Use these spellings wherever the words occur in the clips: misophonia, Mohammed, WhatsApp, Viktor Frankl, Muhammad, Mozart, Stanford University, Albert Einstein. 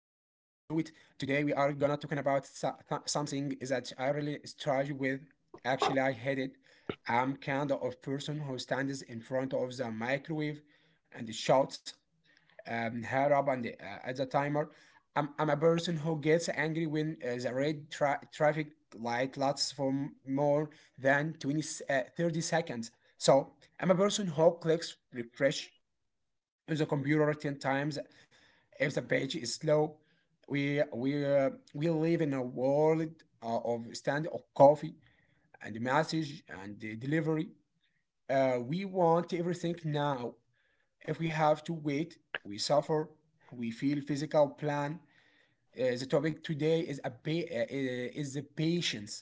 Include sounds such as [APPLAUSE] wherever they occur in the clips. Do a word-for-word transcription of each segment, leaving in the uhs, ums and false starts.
it. Today we are gonna talking about so- th- something that I really struggle with. Actually, I hate it. I'm kind of person who stands in front of the microwave and shouts um, hair up and the, uh, at the timer. I'm, I'm a person who gets angry when uh, the red tra- traffic light lasts for m- more than twenty, s- uh, thirty seconds. So I'm a person who clicks refresh on the computer ten times if the page is slow. We, we, uh, we live in a world uh, of stand of coffee and message and uh, delivery. Uh, we want everything now. If we have to wait, we suffer, we feel physical plan. Uh, the topic today is a pa- uh, uh, is the patience.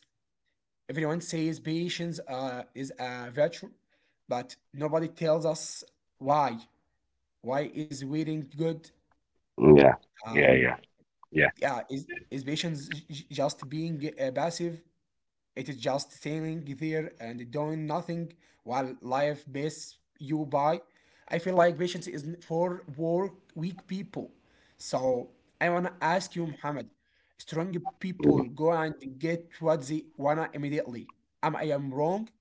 Everyone says patience uh, is a virtue, but nobody tells us why. Why is waiting good? Yeah, yeah, yeah, Um, yeah, yeah, is is patience j- j- just being uh, passive? It is just sitting there and doing nothing while life passes you by. I feel like patience is for work weak people. So I wanna ask you, Muhammad, strong people mm, go and get what they wanna immediately. Am I am wrong?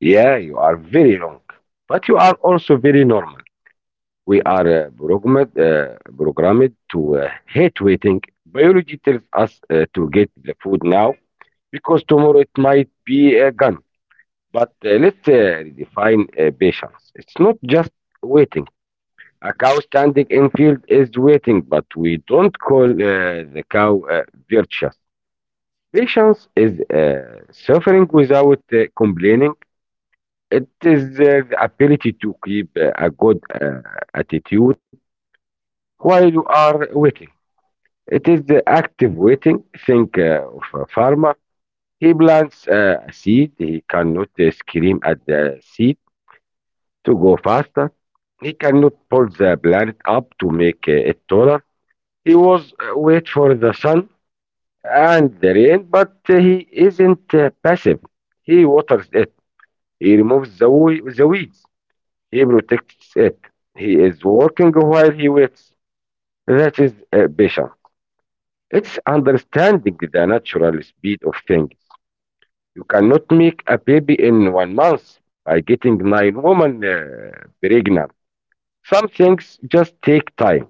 yeah. You are very long, but you are also very normal. We are uh, programmed uh, programmed to uh, hate waiting. Biology tells us uh, to get the food now because tomorrow it might be uh, gone. But uh, let's uh, redefine uh, patience. It's not just waiting. A cow standing in field is waiting, but we don't call uh, the cow uh, virtuous. Patience is uh, suffering without uh, complaining. It is uh, the ability to keep uh, a good uh, attitude while you are waiting. It is the active waiting. Think uh, of a farmer. He plants uh, a seed. He cannot uh, scream at the seed to go faster. He cannot pull the plant up to make uh, it taller. He was uh, wait for the sun and the rain, but uh, he isn't uh, passive. He waters it. He removes the, we- the weeds. He protects it. He is working while he waits. That is uh, patience. It's understanding the natural speed of things. You cannot make a baby in one month by getting nine women uh, pregnant. Some things just take time.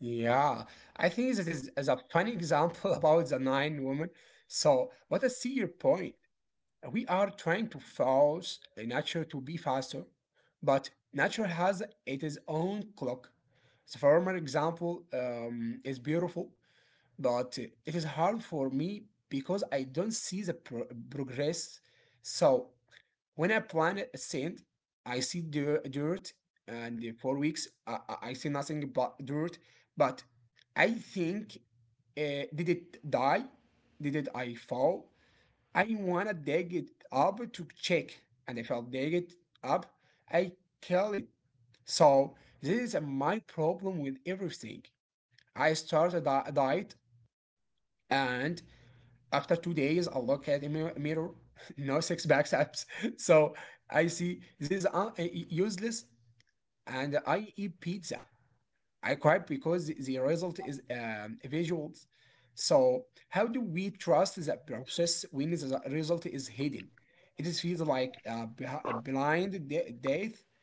Yeah, I think this is, is a funny example [LAUGHS] about the nine woman. So, but I see your point. We are trying to force nature to be faster, but nature has its own clock. The former example um, is beautiful, but it is hard for me because I don't see the pro- progress. So when I plant a seed, I see dir- dirt, and for weeks I, I I see nothing but dirt. But I think, uh, did it die? Did it I fall? I wanna dig it up to check, and if I dig it up, I kill it. So this is uh, my problem with everything. I started a diet, and after two days, I look at the mirror, [LAUGHS] no six pack abs. [LAUGHS] So I see this is un- useless, and I eat pizza. I cried because the result is um, visuals. So, how do we trust the process when the result is hidden? It is feels like uh, beh- a blind de- death.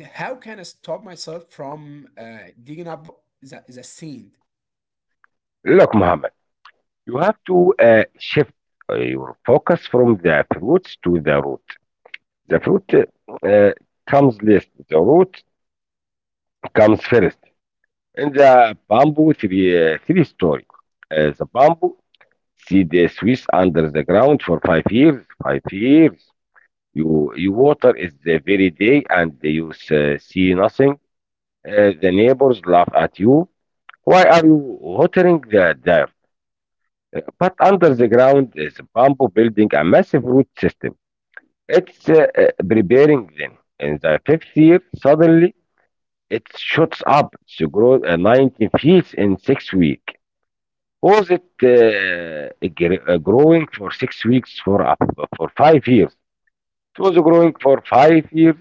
And how can I stop myself from uh, digging up the, the scene? Look, Muhammad. You have to uh, shift uh, your focus from the fruits to the root. The fruit uh, comes last, the root comes first. In the bamboo three, uh, three story, uh, the bamboo seed is Swiss under the ground for five years. Five years. You, you water is the very day and you uh, see nothing. Uh, the neighbors laugh at you. Why are you watering the dirt? But under the ground is bamboo building a massive root system. It's uh, uh, preparing then. In the fifth year, suddenly it shoots up. It grows uh, nineteen feet in six weeks. Was it uh, gr- uh, growing for six weeks for up for five years? It was growing for five years.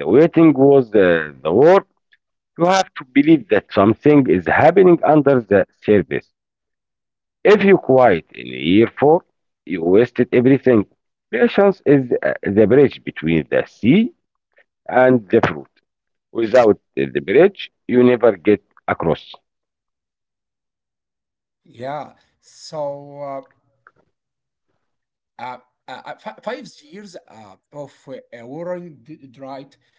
The waiting was uh, the work. You have to believe that something is happening under the surface. If you quiet in year four, you wasted everything. Patience is uh, the bridge between the sea and the fruit. Without the bridge, you never get across. Yeah. So, uh, uh, uh, uh, fi- five years uh, of uh, a warring d- drought.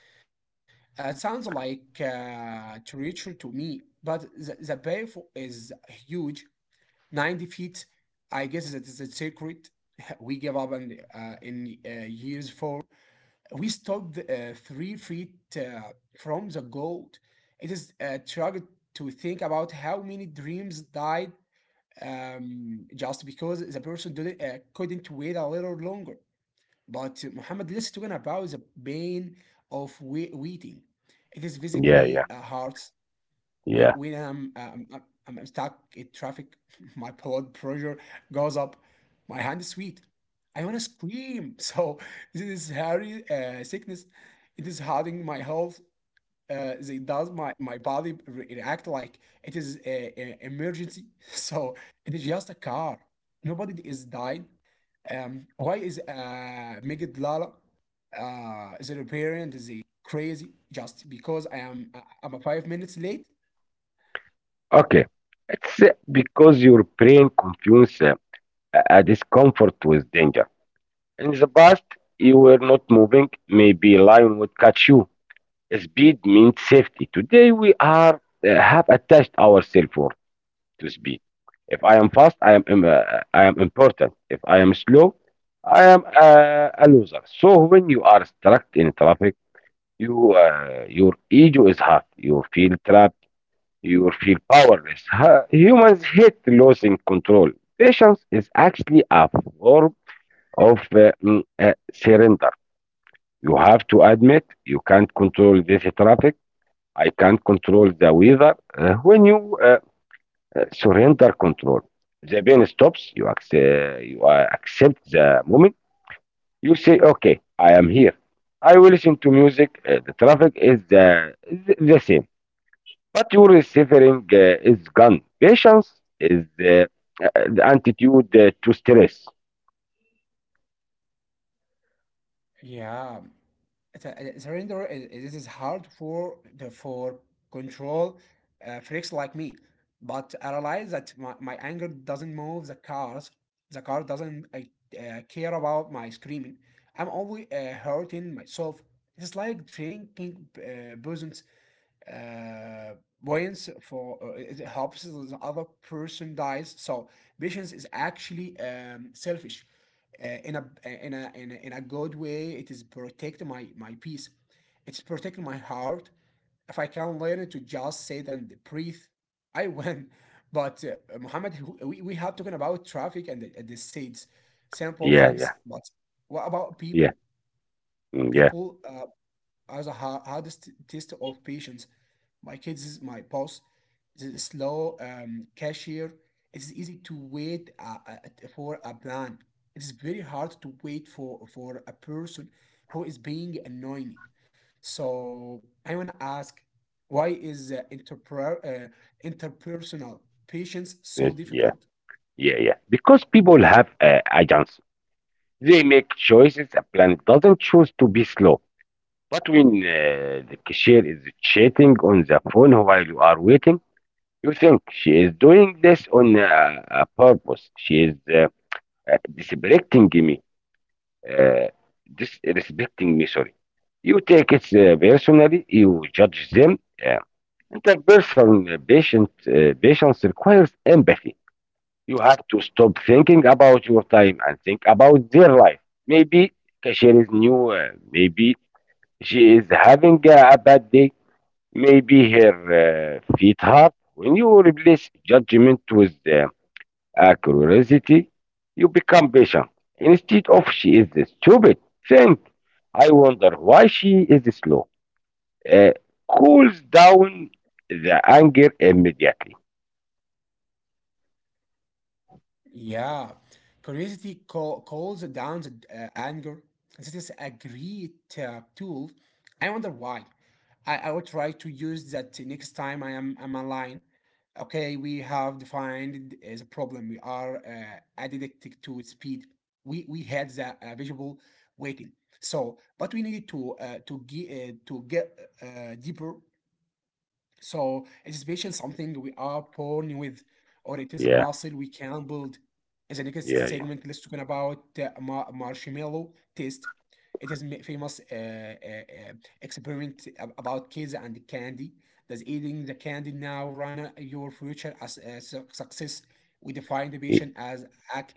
As it sounds like uh, territory to me, but the, the bay fo- is huge, ninety feet. I guess that is a secret. [LAUGHS] We gave up in, uh, in uh, years four. We stopped uh, three feet uh, from the gold. It is a struggle to think about how many dreams died um, just because the person didn't, uh, couldn't wait a little longer. But Muhammad, let's talk about the pain of wai- waiting. It is Yeah, physically yeah, uh, hard when, yeah. when I'm, um, I'm, I'm stuck in traffic, [LAUGHS] my blood pressure goes up, my hand is sweet. I want to scream. [LAUGHS] So this is hairy uh, sickness. It is hurting my health. Uh, they does my, my body re- react like it is a, a emergency. [LAUGHS] So it is just a car. Nobody is died. Um, why is uh, Megid Lala uh, is an apparent is a European disease crazy just because I am uh, I'm a five minutes late? Okay. It's uh, because your brain confuses uh, a discomfort with danger. In the past, you were not moving. Maybe lion would catch you. Speed means safety. Today, we are uh, have attached ourselves for to speed. If I am fast, I am im- uh, I am important. If I am slow, I am uh, a loser. So when you are stuck in traffic, You, uh, your ego is hurt. You feel trapped. You feel powerless. Ha- Humans hate losing control. Patience is actually a form of uh, mm, uh, surrender. You have to admit you can't control this traffic. I can't control the weather. Uh, when you uh, uh, surrender control, the pain stops. You, accept, you uh, accept the moment. You say, "Okay, I am here." I will listen to music. Uh, the traffic is the, the same. But your suffering uh, is gone. Patience is the, uh, the antidote uh, to stress. Yeah, it's a- a surrender is, is- this is hard for the for control uh, freaks like me, but I realize that my, my anger doesn't move the cars. The car doesn't uh, uh, care about my screaming. I'm always uh, hurting myself. It's like drinking uh, poison uh, points for uh, it helps the other person dies. So patience is actually um, selfish uh, in a in a in a, in a good way. It is protecting my my peace. It's protecting my heart. If I can learn to just sit and breathe, [LAUGHS] I win. But uh, Muhammad, we, we have talking about traffic and the, and the seeds, simple Yeah, yeah, things. But what about yeah, people? mm, yeah, People uh, are the hardest test of patience. My kids, my boss, the slow um, cashier. It is easy to wait uh, uh, for a plan. It is very hard to wait for for a person who is being annoying. So I wanna ask, why is uh, interper- uh, interpersonal patience yes, so yeah, difficult? yeah, yeah. Because people have uh, agents. They make choices. A plan doesn't choose to be slow. But when uh, the cashier is chatting on the phone while you are waiting, you think she is doing this on uh, a purpose. She is uh, uh, disrespecting me. uh, Disrespecting me, sorry. You take it uh, personally, you judge them. Uh, Interpersonal uh, patient, uh, patience requires empathy. You have to stop thinking about your time and think about their life. Maybe cashier is new, uh, maybe she is having a, a bad day, maybe her uh, feet hurt. When you replace judgment with uh, a curiosity, you become patient. Instead of she is stupid, think, I wonder why she is slow. Uh, Cools down the anger immediately. Yeah, curiosity call, calls down the uh, anger. This is a great uh, tool. I wonder why. I, I will try to use that next time I am I'm online. Okay, we have defined as a problem. We are uh, addicted to speed. We we had the uh, visual waiting. So, but we needed to uh, to get uh, to get uh, deeper. So anticipation something we are born with, or it is Yeah, muscle we can build. In the next yeah, yeah. segment, let's talk about the ma- marshmallow taste. It is ma- famous uh, uh, uh, experiment ab- about kids and candy. Does eating the candy now run uh, your future as a su- success? We define the Y- patient as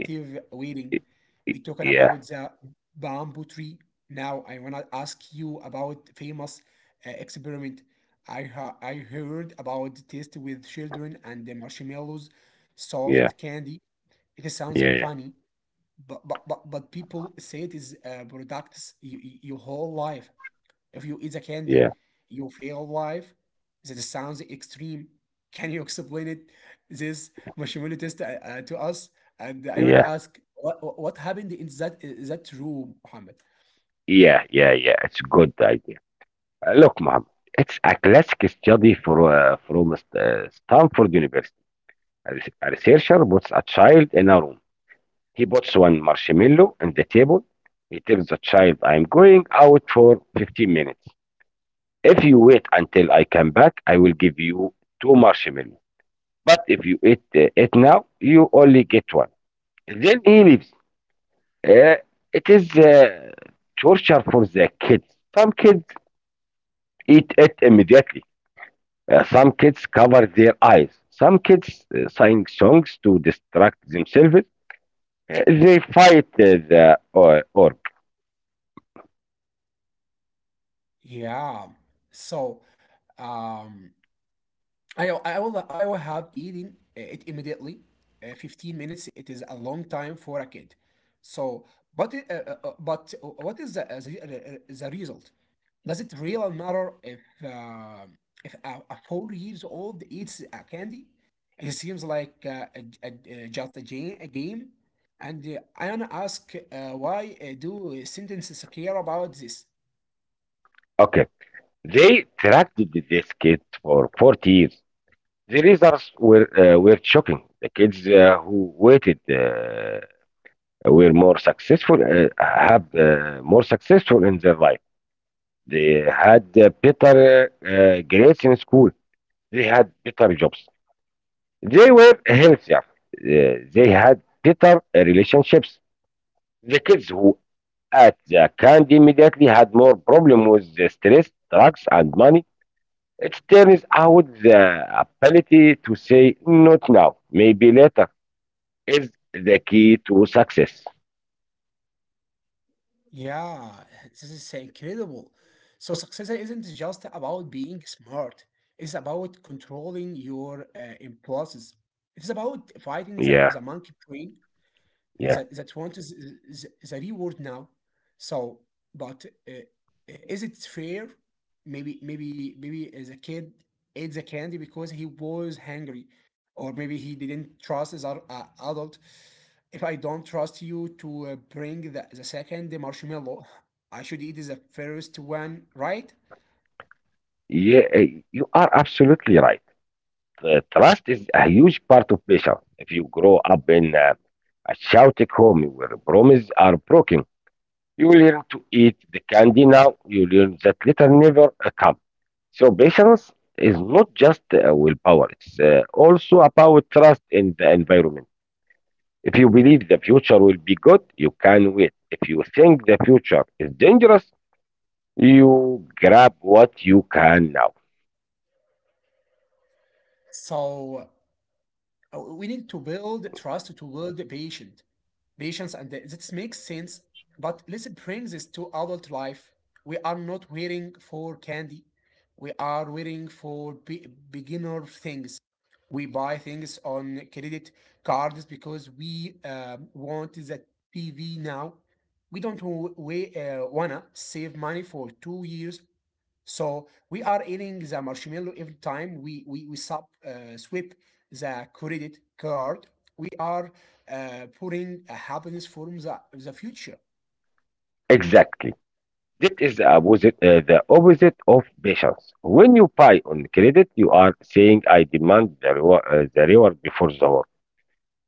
y- waiting. y- y- We're talking Yeah, about the bamboo tree. Now I wanna ask you about famous uh, experiment I, ha- I heard about the taste with children and the marshmallows, yeah, soft candy. It sounds yeah, yeah, funny, but but but, but people say it is uh, products you, you, your whole life. If you eat a yeah, candy, you fail life. That sounds extreme. Can you explain it, this marshmallow taste uh, uh, to us? And I want to yeah, ask, what what happened in that that room, Mohammed? yeah, yeah. It's a good idea. Uh, Look, Mohammed, it's a classic study for, uh, from uh, Stanford University. A res- a researcher puts a child in a room. He puts one marshmallow on the table. He tells the child, I'm going out for fifteen minutes. If you wait until I come back, I will give you two marshmallows. But if you eat uh, it now, you only get one. Then he leaves. Uh, it is uh, torture for the kids. Some kids eat it immediately. Uh, some kids cover their eyes. Some kids uh, sing songs to distract themselves. Uh, they fight uh, the uh, or- orb. Yeah. So, um, I I will I will have eaten it immediately. Uh, fifteen minutes it is a long time for a kid. So, but it, uh, uh, uh, but what is the, uh, the, uh, the result? Does it really matter if uh, if a, a four years old eats a candy? It seems like uh, a, a, a- just a game, a game. And uh, I wanna ask uh, why uh, do sentences care about this? Okay. They tracked th- this kid for forty years. The results were uh, were shocking. The kids uh, who waited uh, were more successful, uh, have uh, more successful in their life. They had uh, better uh, grades in school. They had better jobs. They were healthier. Uh, they had better relationships. The kids who at the candy immediately had more problem with the stress, drugs, and money. It turns out the ability to say not now, maybe later is the key to success. Yeah, this is incredible. So success isn't just about being smart. It's about controlling your uh, impulses. It's about fighting the, Yeah, the monkey brain yeah, that that want is, is, is a reward now. So, but uh, is it fair? Maybe maybe maybe as a kid ate the candy because he was hungry, or maybe he didn't trust as an adult. If I don't trust you to uh, bring the, the second marshmallow, I should eat the first one, right? yeah. eh, You are absolutely right. The trust is a huge part of pressure. If you grow up in a, a chaotic home where promises are broken, you learn to eat the candy now, you learn that later never uh, come. So patience is not just uh, willpower, it's uh, also about trust in the environment. If you believe the future will be good, you can wait. If you think the future is dangerous, you grab what you can now. So uh, we need to build trust to build patience. patience and the- That makes sense, but let's bring this to adult life. We are not waiting for candy, we are waiting for be- beginner things. We buy things on credit cards because we um, want the tv now. We don't wa- we, uh, wanna save money for two years, so we are eating the marshmallow every time we we, we sub, uh, sweep the credit card. We are uh, putting a happiness for the, the future. Exactly. That is the opposite, uh, the opposite of patience. When you buy on credit, you are saying, I demand the reward, uh, the reward before the work.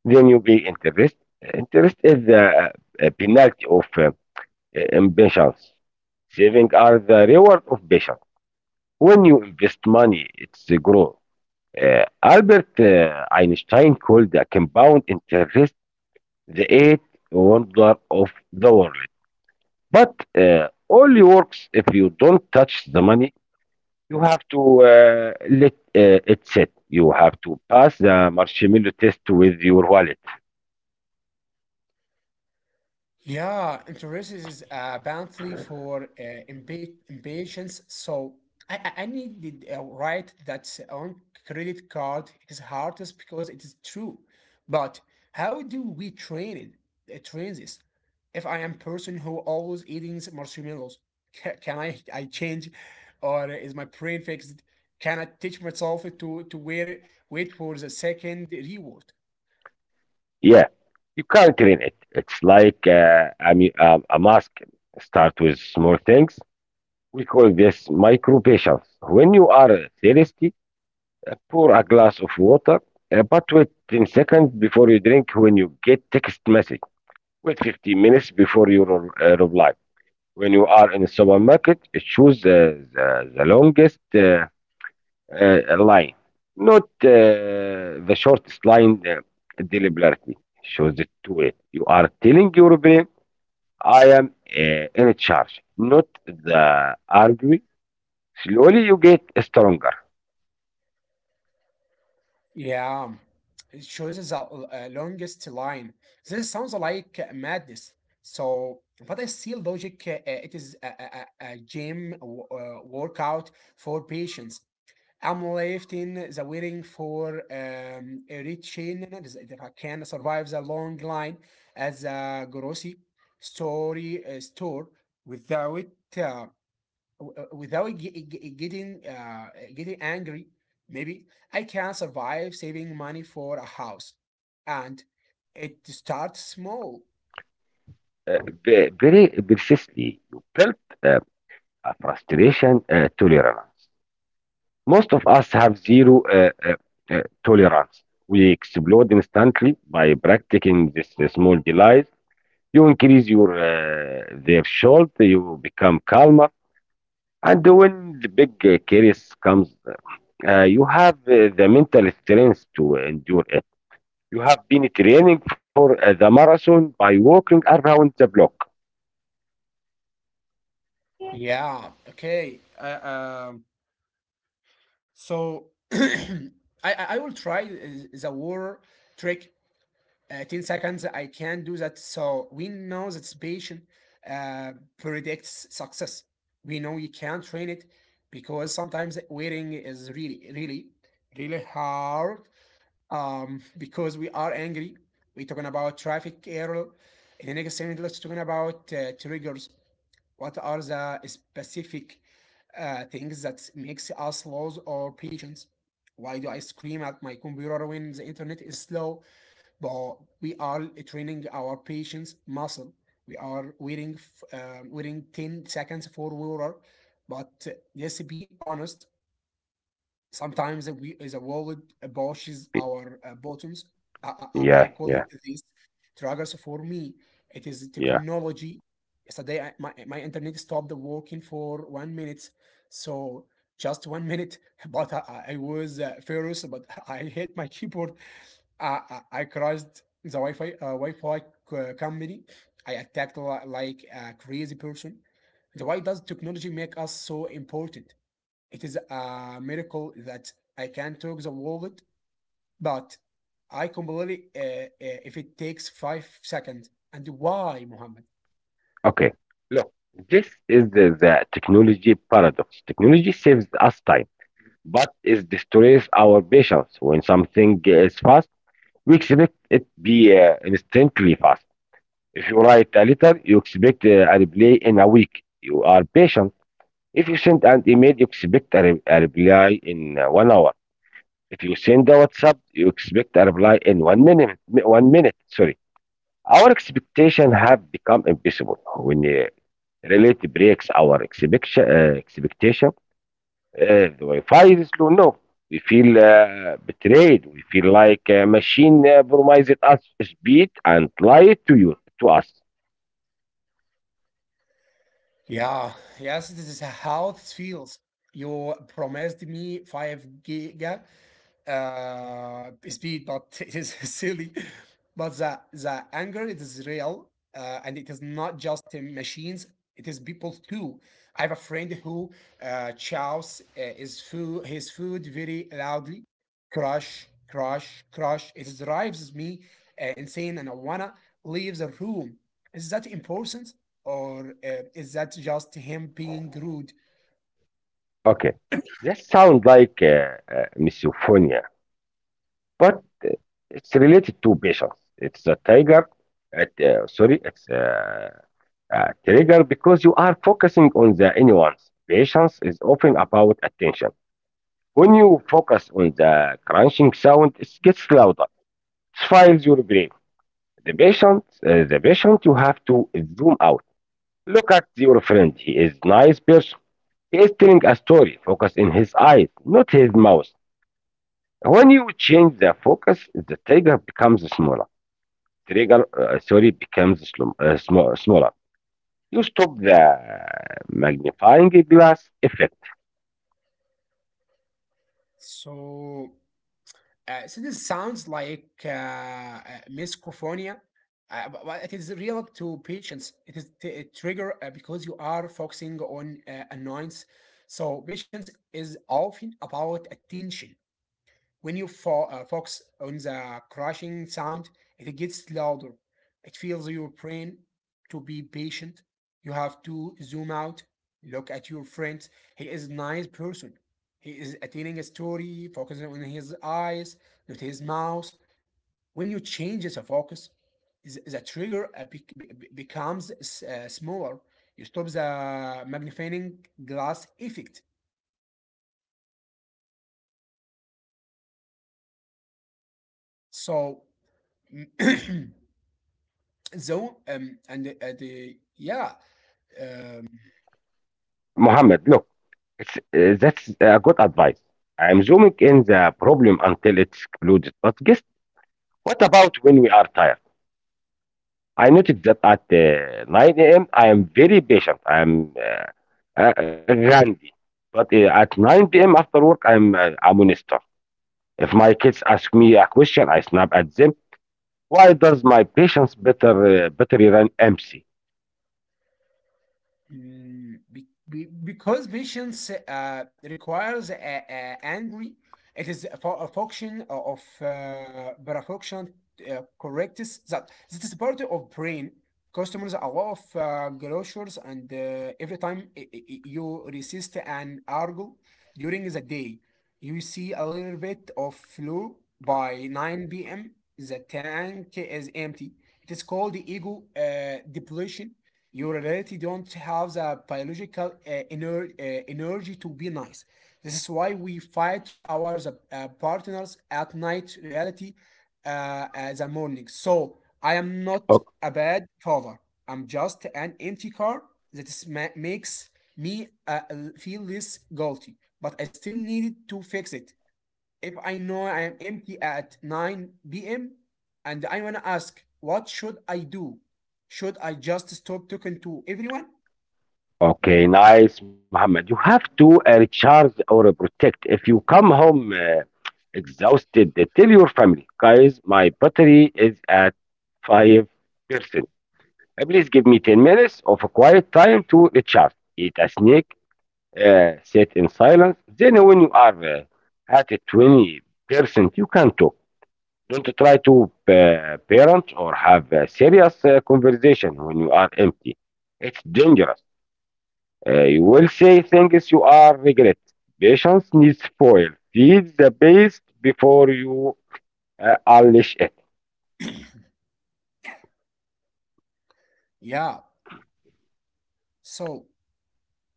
Then you pay interest. Interest is the uh, uh, penalty of uh, impatience. Saving are the reward of patience. When you invest money, it's grow. Uh, Albert uh, Einstein called the compound interest the eighth wonder of the world. But uh, only works if you don't touch the money. You have to uh, let uh, it sit. You have to pass the marshmallow test with your wallet. Yeah, interest is uh, bountiful for uh, impa- impatience. So I, I I need the uh, right that on credit card is hardest because it is true. But how do we train it? Uh, train this? If I am person who always eating marshmallows, ca- can I I change, or is my brain fixed? Can I teach myself to to wait wait for the second reward? Yeah, you can't clean it. It's like uh, a, mu- um, a mask. Start with small things. We call this micro patience. When you are thirsty, uh, pour a glass of water, uh, but wait ten seconds before you drink when you get text message. Wait fifteen minutes before you re- uh, reply. When you are in the supermarket, choose the, the, the longest uh, uh, line, not uh, the shortest line uh, deliberately shows it to it. You are telling your brain, I am uh, in charge, not the arguing. Slowly you get stronger. Yeah, it shows the uh, longest line. This sounds like madness. So, but I still logic. Uh, it is a, a, a a gym w- uh, workout for patients. I'm left in the waiting for um, a reaching if I can survive the long line as a grocery story uh, store without. Uh, w- uh, without ge- ge- getting uh, getting angry. Maybe I can survive saving money for a house, and it starts small. Uh, ve- very persistently, you build uh, a frustration uh, tolerance. Most of us have zero uh, uh, uh, tolerance. We explode instantly by practicing this uh, small delay. You increase your uh, their salt. You become calmer, and when the big uh, crisis comes, uh, you have uh, the mental strength to endure it. You have been training for uh, the marathon by walking around the block. yeah okay uh, um, so [CLEARS THROAT] I, I i will try uh, the war trick, uh, ten seconds. I can do that. So we know that patient uh, predicts success. We know you can train it, because sometimes waiting is really really really hard, um, because we are angry. We're talking about traffic error. In the next segment, let's talking about uh, triggers. What are the specific uh, things that makes us lose our patience? Why do I scream at my computer when the internet is slow? But we are training our patience muscle. We are waiting, uh, waiting ten seconds for water. But uh, let's be honest. Sometimes we the world bashes our uh, buttons. I, I, I I Yeah, call yeah, this triggers for me. It is yeah. technology. Yesterday, I, my, my internet stopped working for one minute. So just one minute, [LAUGHS] but I, I I was uh, furious, but [LAUGHS] I hit my keyboard. I, I, I crashed the Wi-Fi, uh, Wi-Fi c- company. I attacked li- like a crazy person. And why does technology make us so important? It is a miracle that I can talk the wallet, but I completely uh, uh, if it takes five seconds. And why, Muhammad? Okay, look, this is the, the technology paradox. Technology saves us time, but it destroys our patience. When something is fast, we expect it be uh, instantly fast. If you write a letter, you expect a a reply in a week. You are patient. If you send an email, you expect a, re- a reply in uh, one hour. If you send a WhatsApp, you expect a reply in one minute. mi- One minute, sorry. Our expectation have become impossible when uh, reality breaks our expectation. Uh, expectation. Uh, the Wi-Fi is slow now. We feel uh, betrayed. We feel like a machine uh, promised us speed and lied to you to us. Yeah, yes, this is how it feels. You promised me five giga uh, speed, but [LAUGHS] it is silly. But the the anger it is real, uh, and it is not just in machines. It is people too. I have a friend who uh, chows uh, his food his food very loudly, crush, crush, crush. It drives me uh, insane, and I wanna leave the room. Is that important, or uh, is that just him being rude? Okay, that sounds like uh, uh, misophonia, but it's related to patience. It's a tiger. At, uh, sorry, it's uh, a trigger because you are focusing on the anyone's. Patience is often about attention. When you focus on the crunching sound, it gets louder. It files your brain. The patient, uh, the patient, you have to zoom out. Look at your friend. He is nice person. He is telling a story. Focus in his eyes, not his mouth. When you change the focus, the trigger becomes smaller. Trigger, uh, sorry, becomes slum- uh, sm- smaller. You stop the magnifying glass effect. So Uh, so this sounds like uh, uh, misophonia, uh, bu- but it is real to patients. It is t- a trigger uh, because you are focusing on uh, annoyance. So patience is often about attention. When you fo- uh, focus on the crashing sound, it gets louder. It feels your brain to be patient. You have to zoom out, look at your friends. He is a nice person. He is telling a story, focusing on his eyes, not his mouth. When you change the focus, the the trigger uh, bec- be- be- becomes uh, s- uh, smaller. You stop the magnifying glass effect. So [CLEARS THROAT] So, um, and the, uh, the yeah, um, Mohammed, look, it's, uh, that's a good advice. I'm zooming in the problem until it's excluded. But guess what about when we are tired? I noticed that at uh, nine a m. I am very patient. I'm uh, uh, randy. But uh, at nine p m after work, I'm uh, a monster. If my kids ask me a question, I snap at them. Why does my patience better uh, better than M C? Mm, be- be- because patience uh, requires a, a angry, it is a, fu- a function of uh, parafunction uh, correctness that that is part of brain. Customers a lot of uh, groceries, and uh, every time i- i- i- you resist an argo during the day, you see a little bit of flow by nine p m. The tank is empty. It is called the ego uh, depletion your reality don't have the biological uh, ener- uh, energy to be nice. This is why we fight our uh, partners at night, reality, uh, as a morning. So I am not Okay. a bad cover. I'm just an empty car that is ma- makes me uh, l- feel less guilty, but I still needed to fix it if I know I am empty at nine p m and I want to ask, what should I do? Should I just stop talking to everyone? Okay, nice, Muhammad. You have to uh, recharge or uh, protect. If you come home uh, exhausted, uh, tell your family, guys, my battery is at five percent. Uh, Please give me ten minutes of a quiet time to recharge. Eat a snack, uh, sit in silence. Then, when you are uh, at twenty percent, you can talk. Don't try to pa- parent or have a serious uh, conversation when you are empty. It's dangerous. Uh, you will say things you are regret. Patience needs foil. Feed the beast before you uh, unleash it. Yeah. So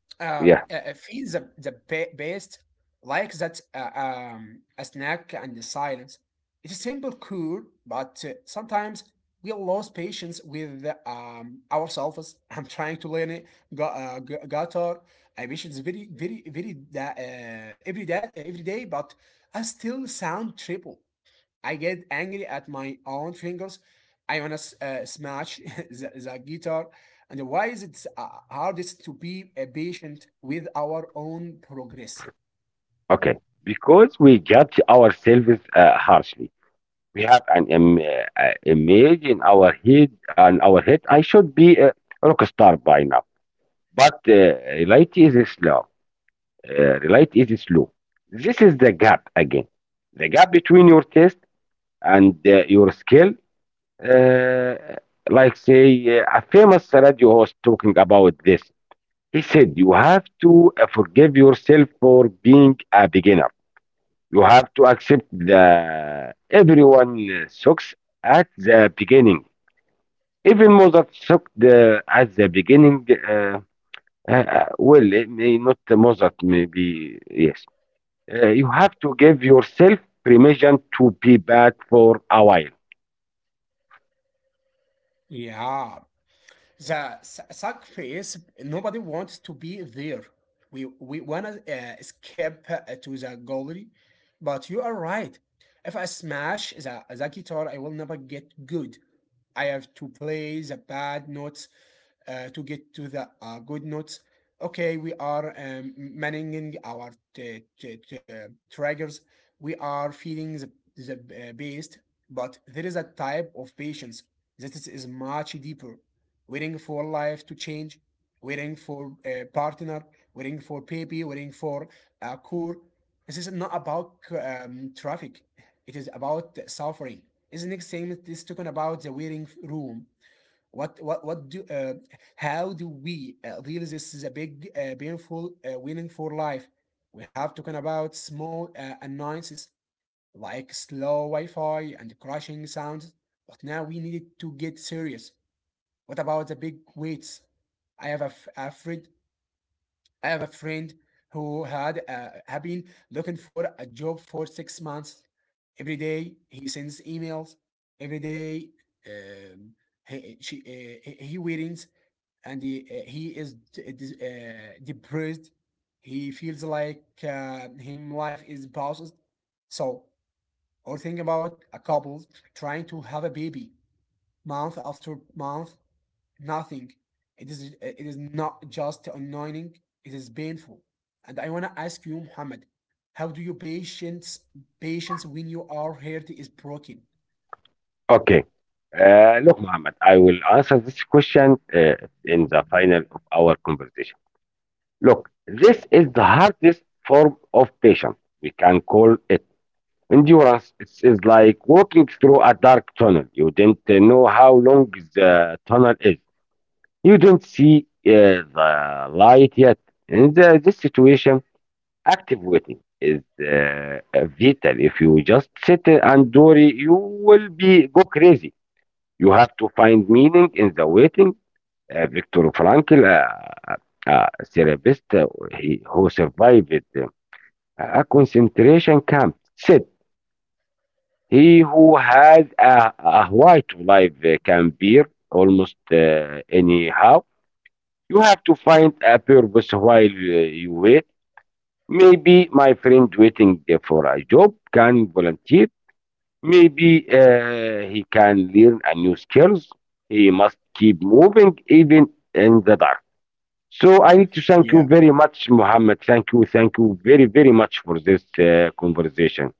uh, Yeah, uh, feel the the ba- best like that uh, um, a snack and the silence. It's simple, cool, but uh, sometimes we lose patience with um, ourselves. [LAUGHS] I'm trying to learn it, gu- uh, gu- guitar. I wish it's very, very, very da- uh, every day, every day, but I still sound triple. I get angry at my own fingers. I wanna uh, smash [LAUGHS] the, the guitar. And why is it uh, hardest to be uh, patient with our own progress? okay. Because we judge ourselves uh, harshly. We have an im- uh, uh, image in our head, and our head. I should be a rock star by now. But uh, reality is slow. Uh, light is slow. This is the gap again. The gap between your taste and uh, your skill. Uh, like say uh, a famous radio host talking about this. He said you have to uh, forgive yourself for being a beginner. You have to accept that everyone uh, sucks at the beginning. Even Mozart sucked uh, at the beginning. Uh, uh, uh, well, it may not Mozart, maybe yes. Uh, you have to give yourself permission to be bad for a while. Yeah, the su- suck phase. Nobody wants to be there. We we wanna uh, escape uh, to the gallery, but you are right. If I smash the, the guitar, I will never get good. I have to play the bad notes uh, to get to the uh, good notes. Okay, we are um, managing our t- t- t- triggers. We are feeding the, the uh, beast, but there is a type of patience that is much deeper. Waiting for life to change, waiting for a partner, waiting for baby, waiting for a cure. This is not about um, traffic. It is about suffering. It's the next thing that is talking about the waiting room what what what do uh, how do we uh, deal this is a big uh, painful uh, winning for life? We have talking about small uh, annoyances like slow Wi-Fi and crashing sounds, but now we need to get serious. What about the big weights? I have a, f- a friend. I have a friend who had uh, have been looking for a job for six months. Every day he sends emails. Every day um, he, she, uh, he he waits and he, uh, he is uh, depressed. He feels like uh, him life is paused. So, or think about a couple trying to have a baby month after month, nothing. It is uh, it is not just annoying. It is painful. And I wanna ask you, Muhammad, how do you patience patience when you are heart is broken? Okay. Uh, look, Muhammad, I will answer this question uh, in the final of our conversation. Look, this is the hardest form of patience. We can call it endurance. It is like walking through a dark tunnel. You didn't uh, know how long the tunnel is. You didn't see uh, the light yet. In the, this situation, active waiting is uh, vital. If you just sit and worry, you will be go crazy. You have to find meaning in the waiting. Uh, Viktor Frankl, uh, a therapist uh, he, who survived uh, a concentration camp, said, "He who has a, a white life uh, can bear almost uh, anyhow. You have to find a purpose while uh, you wait." Maybe my friend waiting there for a job can volunteer. Maybe uh, he can learn a new skills. He must keep moving even in the dark. So I need to thank you very much, Muhammad. Thank you, thank you very, very much for this uh, conversation.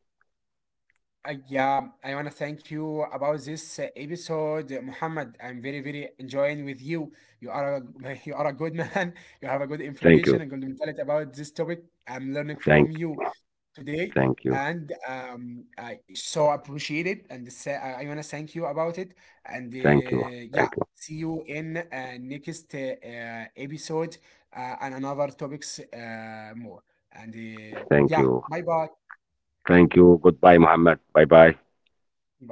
Uh, yeah, I want to thank you about this uh, episode, uh, Muhammad. I'm very, very enjoying with you. You are a, [LAUGHS] you are a good man. [LAUGHS] You have a good Thank information and you, good mentality about this topic. I'm learning from thank, you today, thank you, and um, I so appreciate it. And sa I want to thank you about it. And thank uh, you, yeah, thank you, see you in uh, next uh, uh, episode uh, and another topics uh, more. And uh, yeah, thank bye you, bye, thank you. Goodbye, Muhammad. Bye, bye. bye.